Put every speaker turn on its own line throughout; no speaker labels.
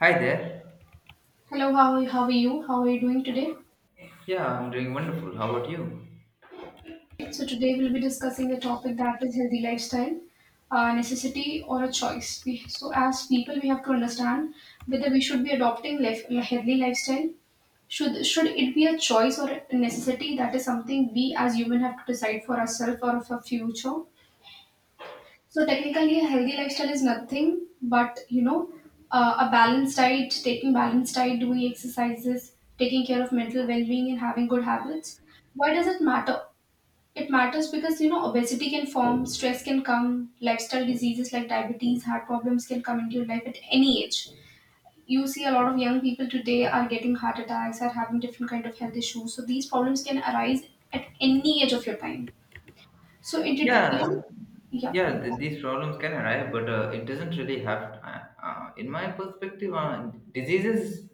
Hi there.
Hello, how are you? How are you doing today?
Yeah, I'm doing wonderful. How about you?
So today we'll be discussing the topic that is healthy lifestyle, necessity or a choice. So as people, we have to understand whether we should be adopting healthy lifestyle. Should it be a choice or a necessity? That is something we as human have to decide for ourselves or for future. So technically, a healthy lifestyle is nothing but a balanced diet, taking balanced diet, doing exercises, taking care of mental well-being, and having good habits. Why does it matter? It matters because obesity can form, stress can come, lifestyle diseases like diabetes, heart problems can come into your life at any age. You see a lot of young people today are getting heart attacks, are having different kind of health issues. So these problems can arise at any age of your time. Yeah,
Yeah,
yeah.
yeah. These problems can arrive, but it doesn't really have. In my perspective, diseases.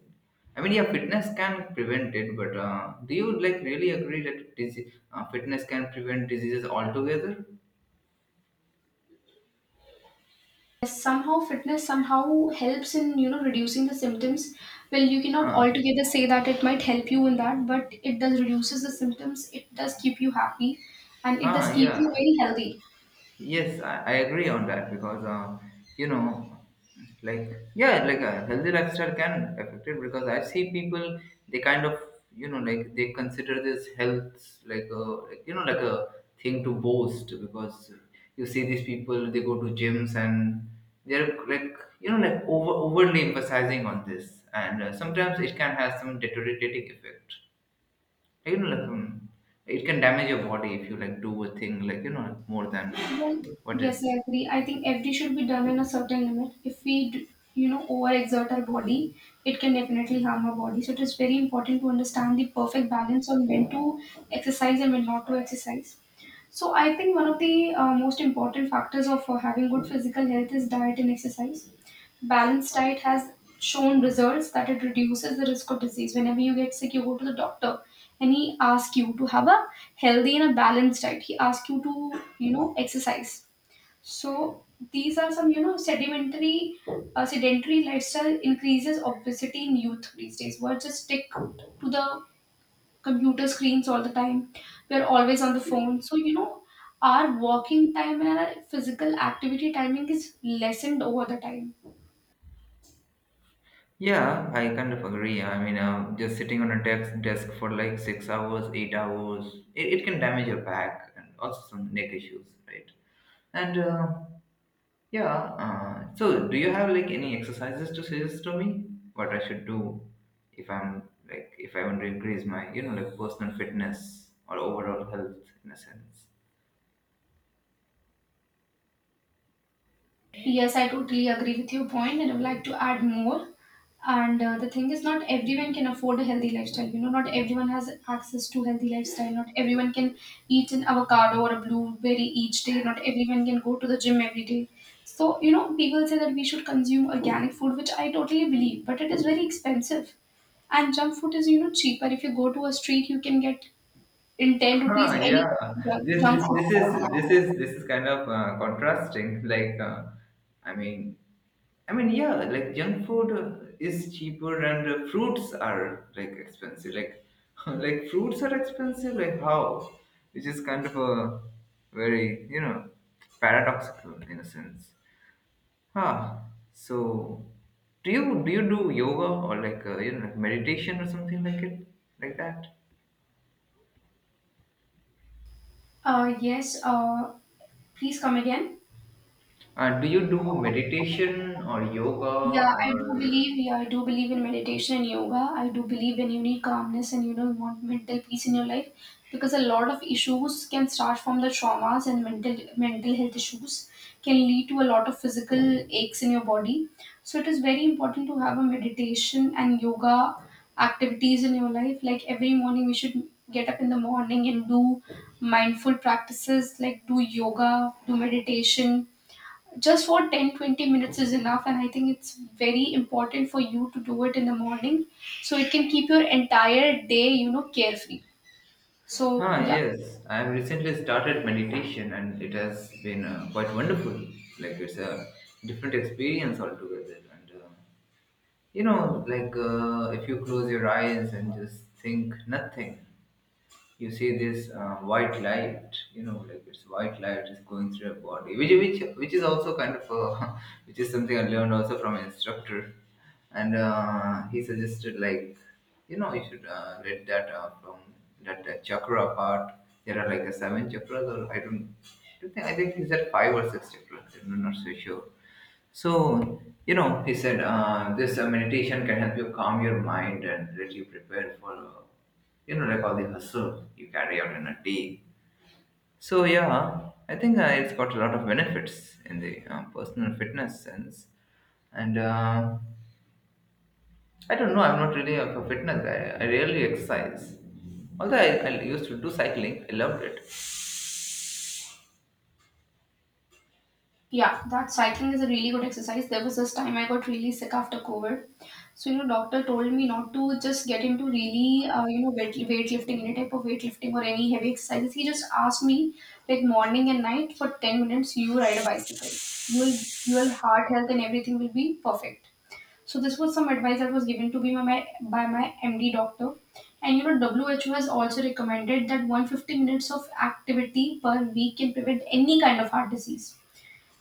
I mean, yeah, fitness can prevent it, but do you like really agree that fitness can prevent diseases altogether?
Somehow fitness somehow helps in reducing the symptoms. Well, you cannot
Uh,
altogether say that it might help you in that, but it does reduces the symptoms. It does keep you happy, and it does
huh,
keep
yeah.
you very healthy.
Yes, I agree on that because you know, like yeah, like a healthy lifestyle can affect it because I see people they kind of like they consider this health like a like, like a thing to boast because you see these people they go to gyms and they're like like overly emphasizing on this and sometimes it can have some deteriorating effect like it can damage your body if you like do a thing like like, more than
Well,
what
yes,
is.
I agree. I think every should be done in a certain limit. If we overexert our body, it can definitely harm our body. So it is very important to understand the perfect balance on when to exercise and when not to exercise. So I think one of the most important factors of having good physical health is diet and exercise. Balanced diet has shown results that it reduces the risk of disease. Whenever you get sick, you go to the doctor and he asks you to have a healthy and a balanced diet. He asks you to exercise. So these are some, you know, sedimentary, Sedentary lifestyle increases obesity in youth these days. We're just stick to the computer screens all the time. We're always on the phone. So, our walking time and our physical activity timing is lessened over the time.
Yeah, I kind of agree. I mean, just sitting on a desk for like 6 hours 8 hours, it can damage your back and also some neck issues, right? And yeah. So do you have like any exercises to suggest to me what I should do if I'm like if I want to increase my like personal fitness or overall health in a sense?
Yes, I totally agree with your point, and I would like to add more. And the thing is, not everyone can afford a healthy lifestyle. Not everyone has access to healthy lifestyle. Not everyone can eat an avocado or a blueberry each day. Not everyone can go to the gym every day. So, people say that we should consume organic food, which I totally believe, but it is very expensive. And junk food is cheaper. If you go to a street, you can get in 10 rupees
Huh,
any
yeah.
kind of junk, junk food.
This is kind of contrasting. Like, I mean, I mean, yeah. Like, junk food is cheaper, and fruits are like expensive. Like, like fruits are expensive. Like how? Which is kind of a very paradoxical in a sense. Huh. So, do you do yoga or like like meditation or something like it like that?
Yes, please come again.
Do you do meditation or
Yeah,
yoga
I do
or?
believe. Yeah, I do believe in meditation and yoga. I do believe when you need calmness and you want mental peace in your life, because a lot of issues can start from the traumas and mental health issues can lead to a lot of physical aches in your body. So it is very important to have a meditation and yoga activities in your life. Like every morning, we should get up in the morning and do mindful practices like do yoga, do meditation just for 10-20 minutes is enough. And I think it's very important for you to do it in the morning, so it can keep your entire day carefree. So
Huh,
yeah.
yes, I have recently started meditation and it has been quite wonderful. Like it's a different experience altogether. And like if you close your eyes and just think nothing, you see this white light like it's white light is going through your body, which is also kind of which is something I learned also from an instructor. And he suggested like you should read that from that chakra part. There are like a seven chakras, or I don't, I don't think I think it's at five or six chakras. I'm not so sure. So, he said this meditation can help you calm your mind and let you prepare for like all the hustle you carry out in a day. So, yeah, I think it's got a lot of benefits in the personal fitness sense. And I don't know, I'm not really a fitness guy. I rarely exercise. Although I used to do cycling, I loved it.
Yeah, that cycling is a really good exercise. There was this time I got really sick after COVID. So doctor told me not to just get into really weightlifting, any type of weightlifting or any heavy exercises. He just asked me like morning and night for 10 minutes you ride a bicycle. You will, your heart health and everything will be perfect. So this was some advice that was given to me by my MD doctor. And WHO has also recommended that 150 minutes of activity per week can prevent any kind of heart disease.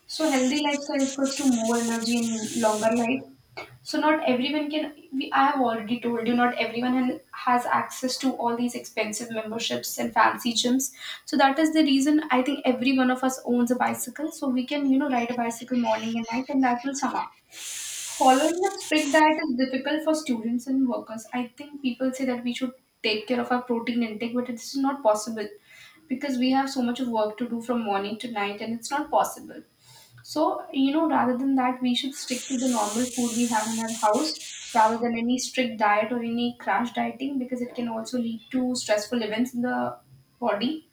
So healthy lifestyle equals to more energy and longer life. So not everyone can. I have already told you, not everyone has access to all these expensive memberships and fancy gyms. So that is the reason I think every one of us owns a bicycle. So we can ride a bicycle morning and night, and that will sum up. Following a strict diet is difficult for students and workers. I think people say that we should take care of our protein intake, but it's not possible because we have so much of work to do from morning to night and it's not possible. So, rather than that, we should stick to the normal food we have in our house rather than any strict diet or any crash dieting, because it can also lead to stressful events in the body.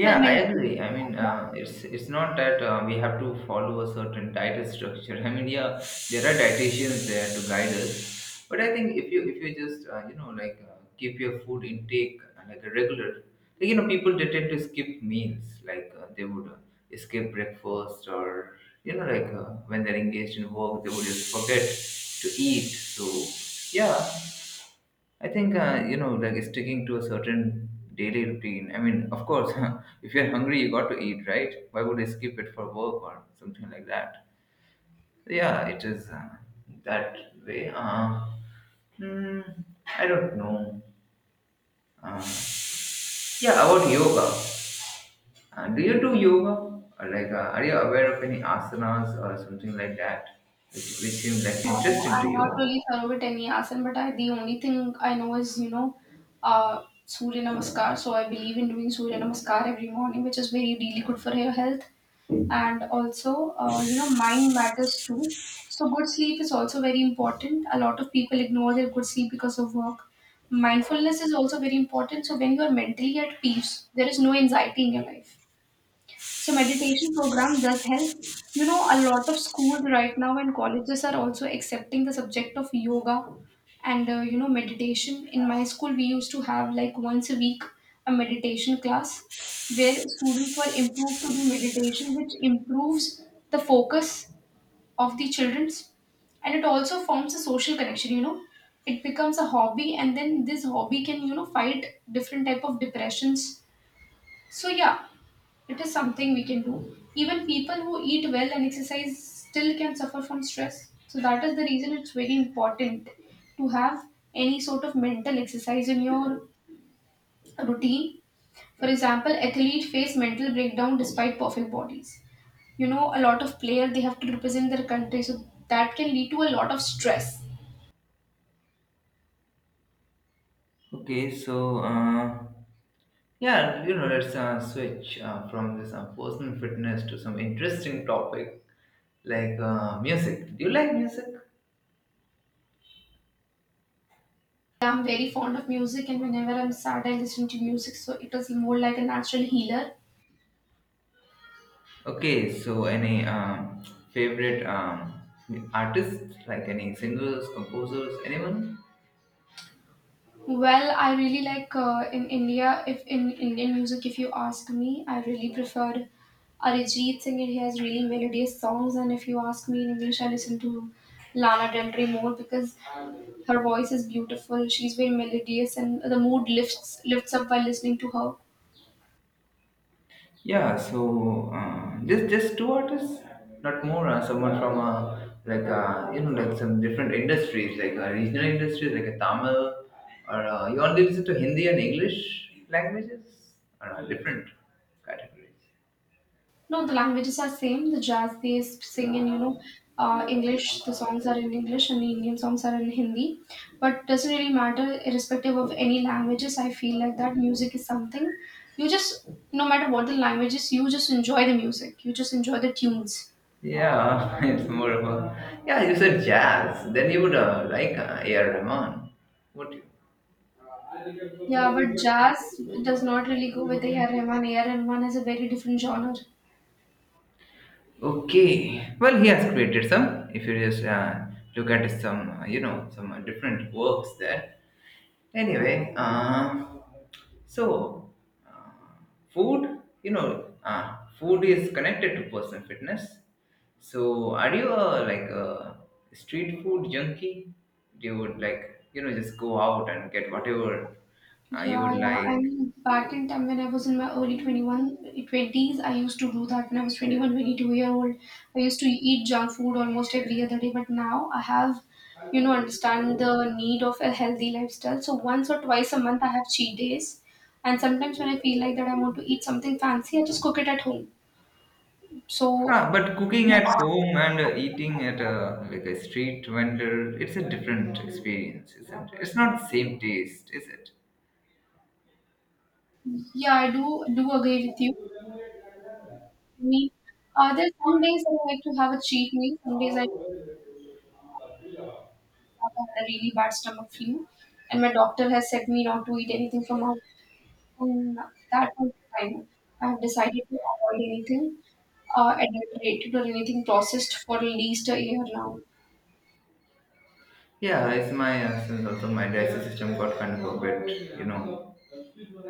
Well,
I
mentally,
agree. I mean, it's not that we have to follow a certain diet structure. I mean, yeah, there are dietitians there to guide us, but I think if you just like keep your food intake like a regular, like people they tend to skip meals, like they would skip breakfast or like when they're engaged in work they would just forget to eat. So yeah, I think like sticking to a certain daily routine. I mean, of course, if you're hungry, you got to eat, right? Why would I skip it for work or something like that? Yeah, it is that way. Hmm, I don't know. Uh, yeah, about yoga. Do you do yoga? Or like, are you aware of any asanas or something like that, which seem like
no,
interesting to
I'm not
you?
really thorough with any asana, but the only thing I know is Surya Namaskar. So I believe in doing Surya Namaskar every morning, which is very, really good for your health. And also, mind matters too. So good sleep is also very important. A lot of people ignore their good sleep because of work. Mindfulness is also very important. So when you are mentally at peace, there is no anxiety in your life. So meditation program does help. A lot of schools right now and colleges are also accepting the subject of yoga and meditation. In my school, we used to have like once a week a meditation class where students were improved to do meditation, which improves the focus of the children's, and it also forms a social connection. It becomes a hobby, and then this hobby can fight different type of depressions. So yeah, it is something we can do. Even people who eat well and exercise still can suffer from stress. So that is the reason it's very important to have any sort of mental exercise in your routine. For example, athletes face mental breakdown despite perfect bodies. A lot of players they have to represent their country, so that can lead to a lot of stress.
Okay, so. Yeah, let's switch from this personal fitness to some interesting topic like music. Do you like music?
I'm very fond of music, and whenever I'm sad, I listen to music, so it is more like a natural healer.
Okay, so any favorite artists, like any singers, composers, anyone?
Well, I really like in India. If in Indian music, if you ask me, I really preferred Arijit Singh. He has really melodious songs, and if you ask me in English, I listen to Lana Del Rey more because her voice is beautiful. She's very melodious, and the mood lifts up while listening to her.
Yeah, so just two artists, not more. Someone from like like some different industries, like regional industries, like a Tamil, or you only listen to Hindi and English languages, or different categories.
No, the languages are same. The jazz they sing in English. The songs are in English, and the Indian songs are in Hindi. But doesn't really matter, irrespective of any languages. I feel like that music is something you just no matter what the languages, you just enjoy the music. You just enjoy the tunes.
Yeah, it's more of a, yeah. You said jazz, then you would like A.R. Rahman, would you?
Yeah, but jazz does not really go with A.R. Rahman. A.R. Rahman has a very different genre.
Okay. Well, he has created some. If you just look at some, some different works there. Anyway, so uh, food is connected to personal fitness. So, are you a, like a street food junkie? You would like, just go out and get whatever you
Yeah,
would
yeah. I
like.
mean, back in time when I was in my early twenties, I used to do that when I was 21, twenty-two 22-year-old. I used to eat junk food almost every other day, but now I have understand the need of a healthy lifestyle. So once or twice a month, I have cheat days. And sometimes when I feel like that I want to eat something fancy, I just cook it at home. So,
Ah, but cooking at home and eating at a like a street vendor, it's a different experience, isn't it? It's not the same taste, is it?
yeah, I do agree with you. I mean, there's some days I like to have a cheat meal. Some days I had a really bad stomach flu, and my doctor has said me not to eat anything from out. From that point of time, I have decided to avoid anything adulterated or anything processed for at least a year now.
Yeah, it's my since also my digestive system got kind of a bit,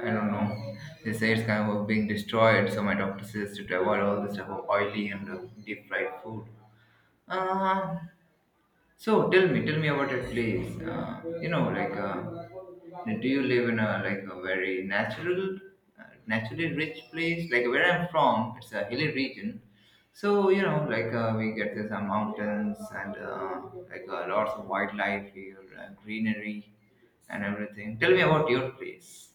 I don't know. They say it's kind of being destroyed, so my doctor says to avoid all this type of oily and deep fried food. Uh, so tell me about your place. Like, do you live in a like a very natural, naturally rich place? Like where I'm from, it's a hilly region. So like we get these mountains and like lots of wildlife here, greenery, and everything. Tell me about your place.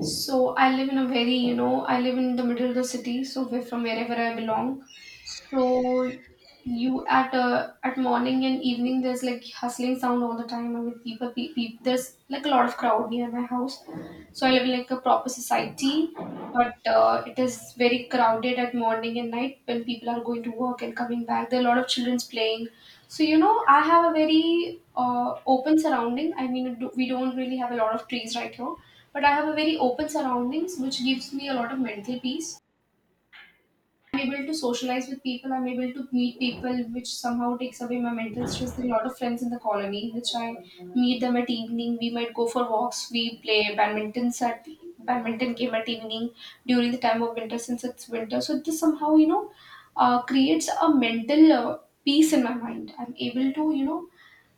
So I live in a very, you know, I live in the middle of the city, so from wherever I belong. So you at morning and evening there's like hustling sound all the time. I mean there's like a lot of crowd near my house. So I live in like a proper society, but it is very crowded at morning and night when people are going to work and coming back. There are a lot of childrens playing. So I have a very open surrounding. I mean, we don't really have a lot of trees right here, but I have a very open surroundings, which gives me a lot of mental peace. I'm able to socialize with people. I'm able to meet people, which somehow takes away my mental stress. There are a lot of friends in the colony, which I meet them at evening. We might go for walks. We play badminton at badminton game at evening during the time of winter, since it's winter. So this somehow creates a mental peace in my mind. I'm able to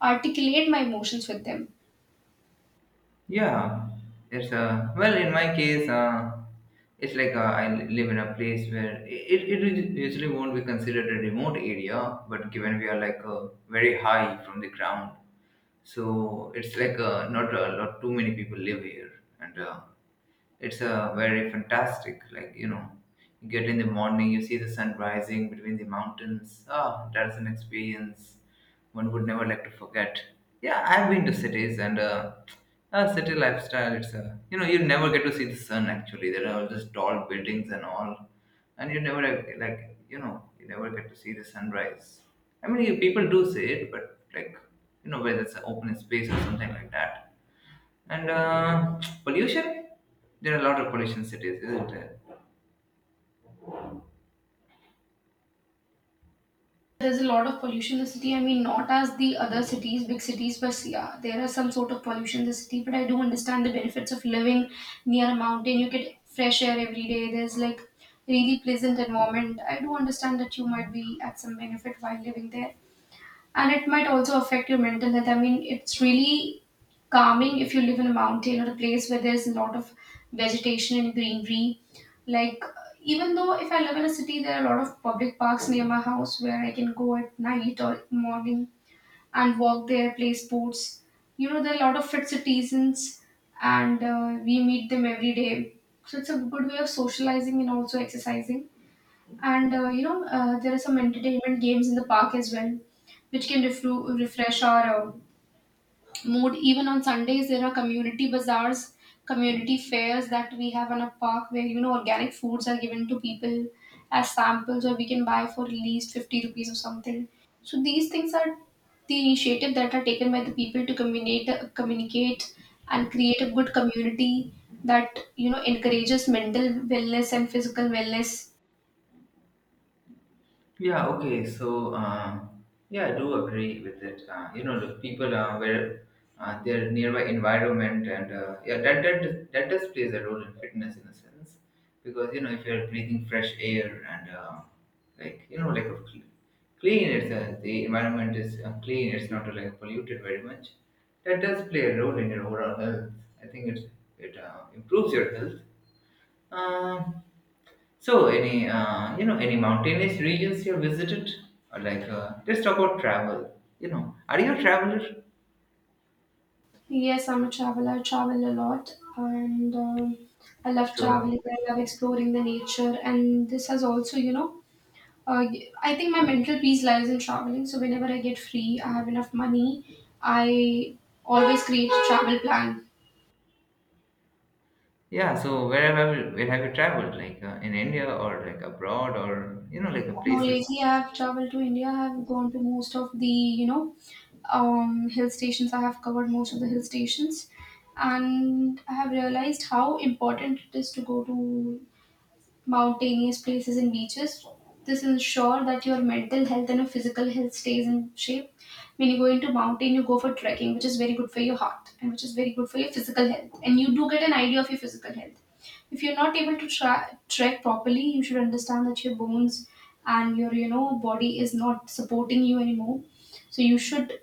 articulate my emotions with them.
Yeah, it's well in my case, it's like I live in a place where usually won't be considered a remote area, but given we are like very high from the ground, so it's like not a lot too many people live here, and it's a very fantastic. Like you get in the morning, you see the sun rising between the mountains. Ah, that's an experience one would never like to forget. Yeah, I've been to cities and. City lifestyle, it's a, you never get to see the sun actually. There are all these tall buildings and all, and you never like you never get to see the sunrise. I mean, you, people do see it, but like whether it's an open space or something like that. And pollution, there are a lot of pollution cities, isn't there?
There's a lot of pollution in the city. I mean, not as the other cities, big cities, but yeah, there is some sort of pollution in the city. But I do understand the benefits of living near a mountain. You get fresh air every day. There's like really pleasant environment. I do understand that you might be at some benefit while living there, and it might also affect your mental health. I mean, it's really calming if you live in a mountain or a place where there's a lot of vegetation and greenery. Like, even though if I live in a city, there are a lot of public parks near my house where I can go at night or morning and walk there, play sports. You know, there are a lot of fit citizens, and we meet them every day. So it's a good way of socializing and also exercising. And there are some entertainment games in the park as well, which can refresh our mood. Even on Sundays, there are community bazaars, community fairs that we have in a park where organic foods are given to people as samples, or we can buy for at least 50 rupees or something. So these things are the initiative that are taken by the people to communicate, and create a good community that encourages mental wellness and physical wellness.
Yeah, okay. So, yeah, I do agree with it. The people where their nearby environment and yeah, that does plays a role in fitness in a sense, because if you're breathing fresh air and like like a clean, it's the environment is clean. It's not like polluted very much. That does play a role in your overall health. I think it improves your health. Um so, any any mountainous regions you have visited? Or like, let's talk about travel. You know, are you a traveler?
Yes, I'm a traveler. I travel a lot and I love
So,
traveling. I love exploring the nature. And this has also, uh, I think my mental peace lies in traveling. So whenever I get free, I have enough money, I always create a travel plan.
yeah. So, where have you traveled? Like in India or like abroad or like
No, lately,
places?
I have traveled to India. I have gone to most of the, hill stations. I have covered most of the hill stations. And I have realized how important it is to go to mountainous places and beaches. This ensure that your mental health and your physical health stays in shape. When you go into mountain, you go for trekking, which is very good for your heart and which is very good for your physical health. And you do get an idea of your physical health. If you're not able to trek properly, you should understand that your bones and your body is not supporting you anymore. So you should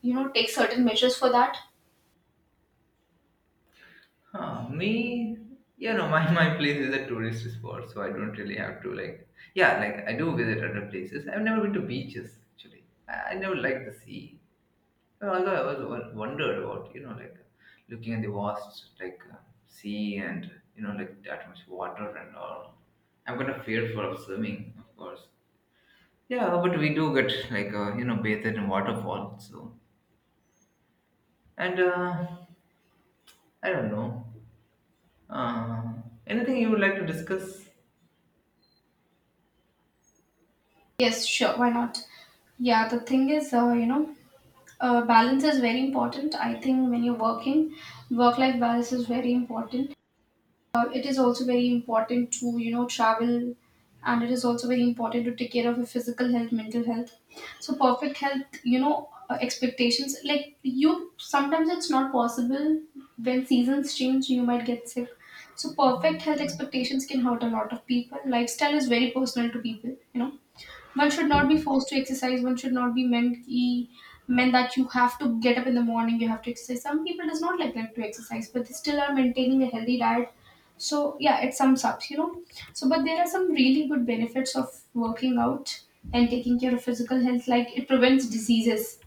take certain measures for that.
Huh, me, my place is a tourist spot, so I don't really have to like. Yeah, like I do visit other places. I've never been to beaches actually. I never like the sea. Although I was wondered about, like looking at the vast, like sea, and like that much water and all. I'm kind of fearful of swimming, of course. Yeah, but we do get like bathed in waterfall. So, and I don't know. Uh, Anything you would like to discuss?
Yes, sure, why not? Yeah, the thing is, balance is very important. I think when you're working, work life balance is very important. It is also very important to travel, and it is also very important to take care of your physical health, mental health. So perfect health, expectations like you sometimes it's not possible. When seasons change you might get sick, so perfect health expectations can hurt a lot of people. Lifestyle is very personal to people, you know. One should not be forced to exercise. One should not be meant meant that you have to get up in the morning, you have to exercise. Some people does not like to exercise, but they still are maintaining a healthy diet. So yeah, it sums up, you know. So but there are some really good benefits of working out and taking care of physical health, like it prevents diseases,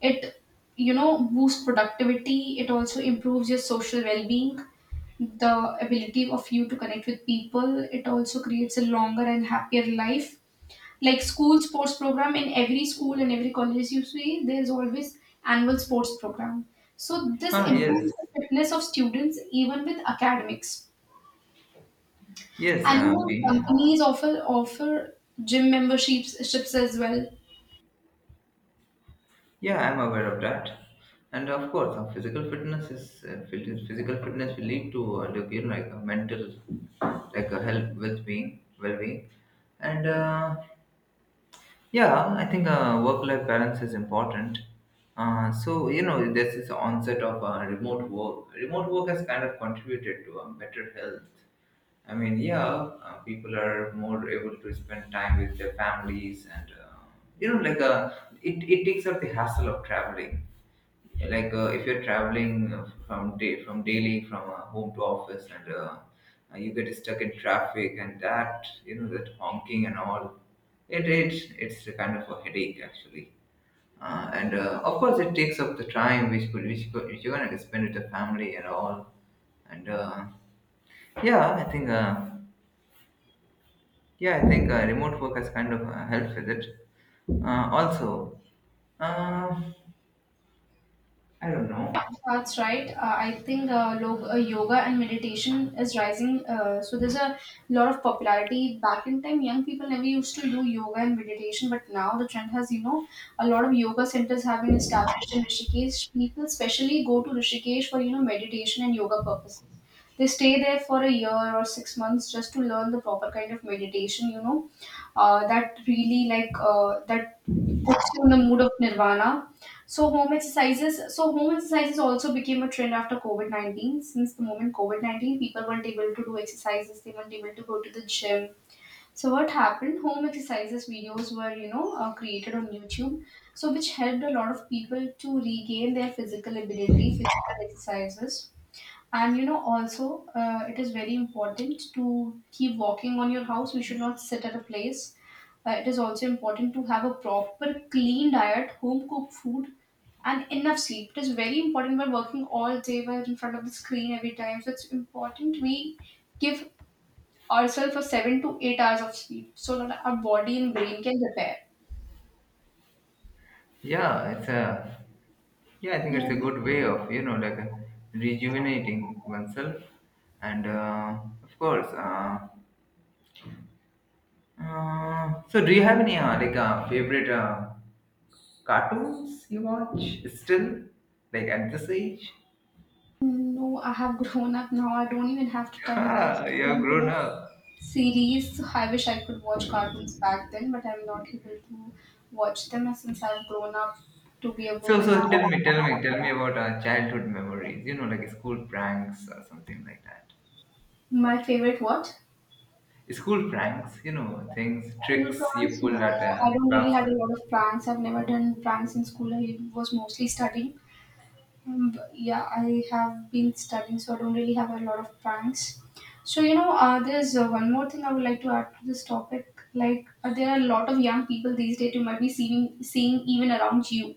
it, you know, boosts productivity. It also improves your social well-being, the ability of you to connect with people. It also creates a longer and happier life. Like school sports program in every school and every college you see, there is always annual sports program. So this
Ah,
improves
yes,
the fitness of students even with academics.
yes.
And you know,
Being
companies offer gym memberships ships as well.
Yeah, I'm aware of that. And of course, physical fitness is physical fitness will lead to like, like a mental like a health well-being, and yeah, I think work-life balance is important. So, there's this is onset of remote work. Remote work has kind of contributed to better health. I mean, yeah, people are more able to spend time with their families, and you know, like it takes up the hassle of traveling if you're traveling from daily from home to office and you get stuck in traffic and that, you know, that honking and all. It's a kind of a headache actually. And Of course, it takes up the time which you're gonna spend with the family and all. And yeah i think uh, yeah I think remote work has kind of helped with it. Also, uh, I don't know.
That's right. I think yoga and meditation is rising. So there's a lot of popularity. Back in time, young people never used to do yoga and meditation, but now the trend has, you know, a lot of yoga centers have been established in Rishikesh. People especially go to Rishikesh for, you know, meditation and yoga purposes. They stay there for a year or 6 months just to learn the proper kind of meditation, that really that puts you in the mood of nirvana. So home exercises. So home exercises also became a trend after COVID 19. Since the moment COVID 19, people weren't able to do exercises. They weren't able to go to the gym. So what happened? Home exercises videos were created on YouTube. So which helped a lot of people to regain their physical ability, physical exercises. And you know, also, it is very important to keep walking on your house. We should not sit at a place. It is also important to have a proper, clean diet, home cooked food, and enough sleep. It is very important. We're working all day, we're in front of the screen every time. So it's important we give ourselves a 7 to 8 hours of sleep so that our body and brain can repair.
yeah it's a Yeah, I think
Yeah.
it's a good way of, you know, rejuvenating oneself. And uh, of course, uh, so do you have any favorite cartoons you watch still, like at this age?
No, I have grown up now. I don't even have to time watch.
Ah, you have
Time to
grown
watch.
up.
Series. I wish I could watch cartoons back then, but I'm not able to watch them as since I've grown up to be a
So,
woman now.
so tell me, tell me, tell me about childhood memories. You know, like school pranks or something like that.
My favorite what?
School pranks, you know, things,
School
tricks you
drawings? No,
pulled at
I
a
don't really
class.
had a lot of pranks. I've never done pranks in school. I was mostly studying. But yeah, I have been studying, so I don't really have a lot of pranks. So you know, there's one more thing I would like to add to this topic. Like, there are a lot of young people these days you might be seeing even around you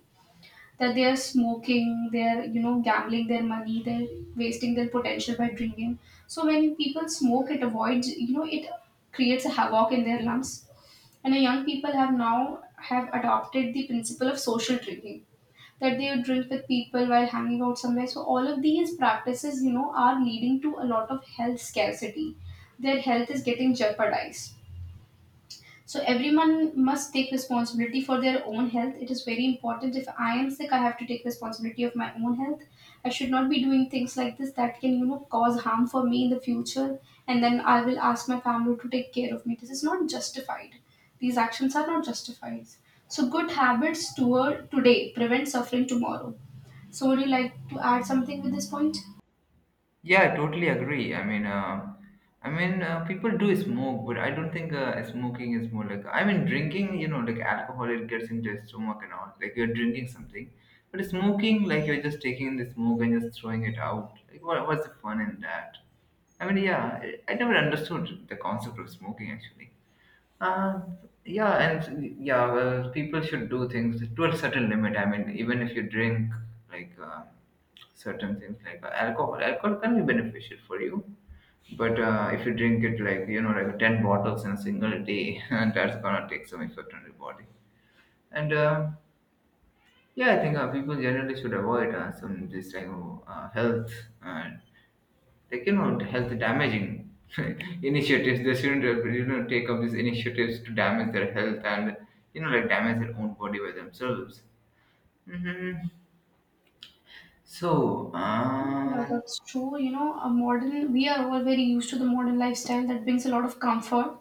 that they are smoking, they're gambling their money, they're wasting their potential by drinking. So when people smoke, it avoids it creates a havoc in their lungs. And the young people have now have adopted the principle of social drinking, that they would drink with people while hanging out somewhere. So all of these practices, you know, are leading to a lot of health scarcity. Their health is getting jeopardized. So everyone must take responsibility for their own health. It is very important. If I am sick, I have to take responsibility of my own health. I should not be doing things like this that can, you know, cause harm for me in the future. And then I will ask my family to take care of me. This is not justified. These actions are not justified. So good habits toward today prevent suffering tomorrow. So would you like to add something with this point?
Yeah, I totally agree. I mean, people do smoke, but I don't think smoking is more like. I mean, drinking, you know, like alcohol, it gets into your stomach and all. Like you're drinking something, but smoking, like you're just taking the smoke and just throwing it out. Like, what's the fun in that? I mean, yeah, I never understood the concept of smoking actually. Uh, yeah, and yeah, well, people should do things to a certain limit. I mean, even if you drink like certain things like alcohol can be beneficial for you, but if you drink it, like, you know, like 10 bottles in a single day, and that's gonna take some effect on your body. And Yeah, I think people generally should avoid some this like, oh, health uh, like you health damaging initiatives. They shouldn't you know, take up these initiatives to damage their health and, you know, like damage their own body by themselves. hmm so
Yeah,
um
that's true. You know, a modern we are all very used to the modern lifestyle that brings a lot of comfort,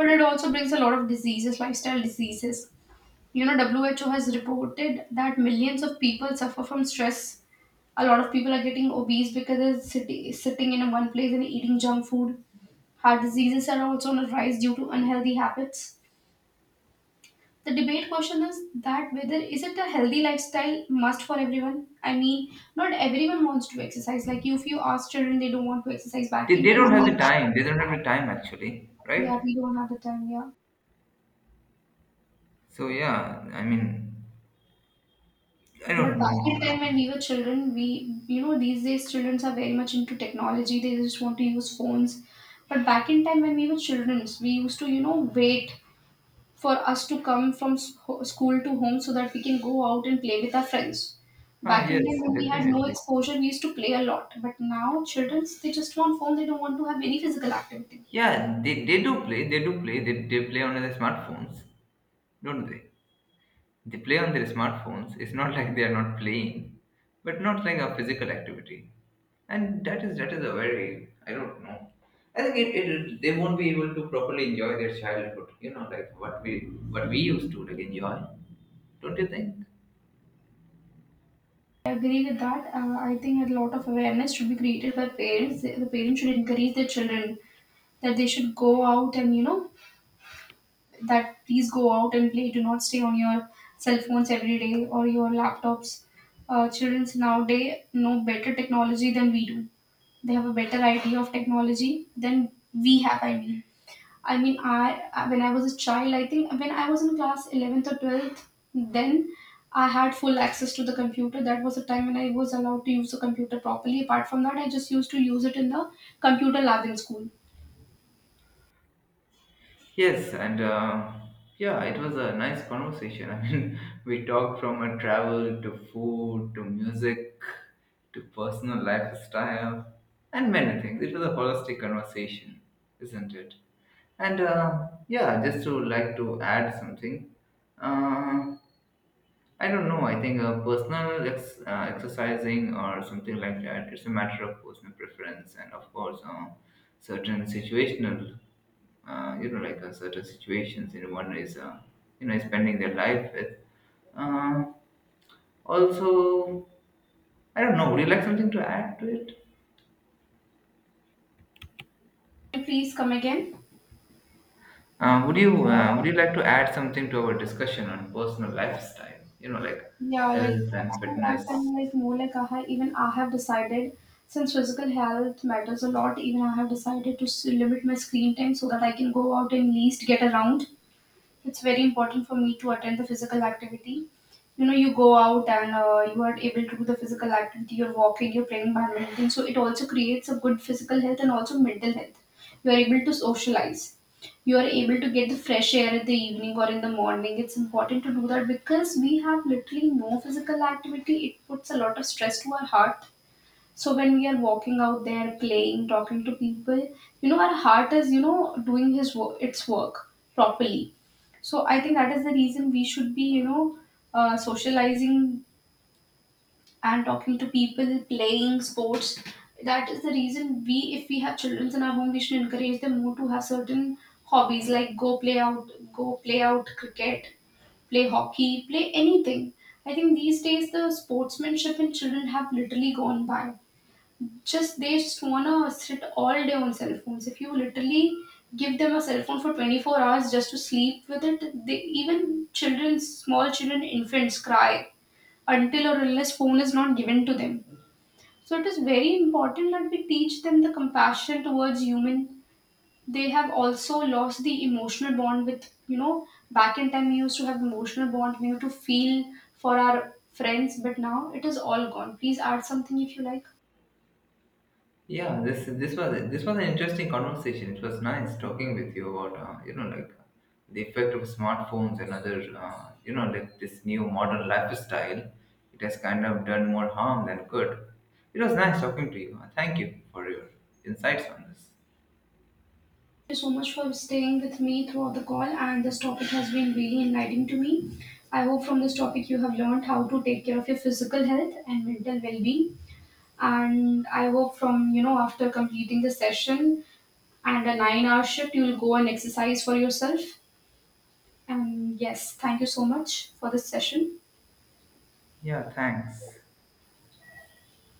but it also brings a lot of diseases, lifestyle diseases. You know, WHO has reported that millions of people suffer from stress. A lot of people are getting obese because they're sitting in one place and eating junk food. Heart diseases are also on the rise due to unhealthy habits. The debate question is that whether is it a healthy lifestyle must for everyone? I mean, not everyone wants to exercise. Like if you ask children, they don't want to exercise. Back
they,
in
they
time,
don't have the time, they don't have the time actually,
yeah,
right.
we don't have the time. Yeah,
so yeah I mean I
but
don't
back
know
in time when we were children, we these days childrens are very much into technology. They just want to use phones. But back in time when we were children, we used to wait for us to come from school to home so that we can go out and play with our friends.
Ah,
Back in
yes,
time when we had no
definitely.
exposure, we used to play a lot. But now children, they just want phone. They don't want to have any physical activity.
Yeah, they do play, they do play, they play on their smartphones, don't they? They play on their smartphones. It's not like they are not playing, but not like a physical activity. And that is a very, I don't know. I think it, it they won't be able to properly enjoy their childhood. You know, like what we, what we used to like enjoy. Don't you think?
I agree with that. I think a lot of awareness should be created by parents. The parents should encourage their children that they should go out and that please go out and play. Do not stay on your cell phones every day or your laptops. Children nowadays know better technology than we do. They have a better idea of technology than we have. When I was a child, I think when I was in class eleventh or twelfth, then I had full access to the computer. That was the time when I was allowed to use the computer properly. Apart from that, I just used to use it in the computer lab in school.
Yes, and yeah, it was a nice conversation. I mean, we talked from a travel to food to music to personal lifestyle and many things. It was a holistic conversation, isn't it? And Yeah, just to like to add something. Uh, I don't know. I think exercising or something like that, it's a matter of personal preference, and of course, certain situational. You know, like certain situations in one is, you know, is spending their life with. Uh, Also, I don't know. Would you like something to add to it?
Please come again.
Would you would you like to add something to our discussion on personal lifestyle? You know, like
Yeah, like
health and
something that I'm
fitness.
like more like I have, even I have decided since physical health matters a lot, even I have decided to limit my screen time so that I can go out and least get around. It's very important for me to attend the physical activity. You know, you go out and you are able to do the physical activity. You're walking, you're playing badminton. So it also creates a good physical health and also mental health. You are able to socialize. You are able to get the fresh air in the evening or in the morning. It's important to do that because we have literally no physical activity. It puts a lot of stress to our heart. So when we are walking out there, playing, talking to people, you know, our heart is, you know, doing its work properly. So I think that is the reason we should be, you know, socializing and talking to people, playing sports. That is the reason we, if we have children in our home, we should encourage them more to have certain hobbies like go play out cricket, play hockey, play anything. I think these days the sportsmanship in children have literally gone by, just they just wanna sit all day on cell phones. If you literally give them a cell phone for 24 hours just to sleep with it, they even children, small children, infants cry until or unless phone is not given to them. So it is very important that we teach them the compassion towards human. They have also lost the emotional bond with you know back in time we used to have emotional bond. We used to feel for our friends, but now it is all gone. Please add something if you like.
Yeah, this was an interesting conversation. It was nice talking with you about, you know, like the effect of smartphones and other, you know, like this new modern lifestyle. It has kind of done more harm than good. It was nice talking to you. Thank you for your insights on this.
You so much for staying with me throughout the call, and this topic has been really enlightening to me. I hope from this topic you have learned how to take care of your physical health and mental well-being. And I hope from you know after completing the session and a 9-hour shift, you will go and exercise for yourself. And yes, thank you so much for this session.
Yeah, thanks.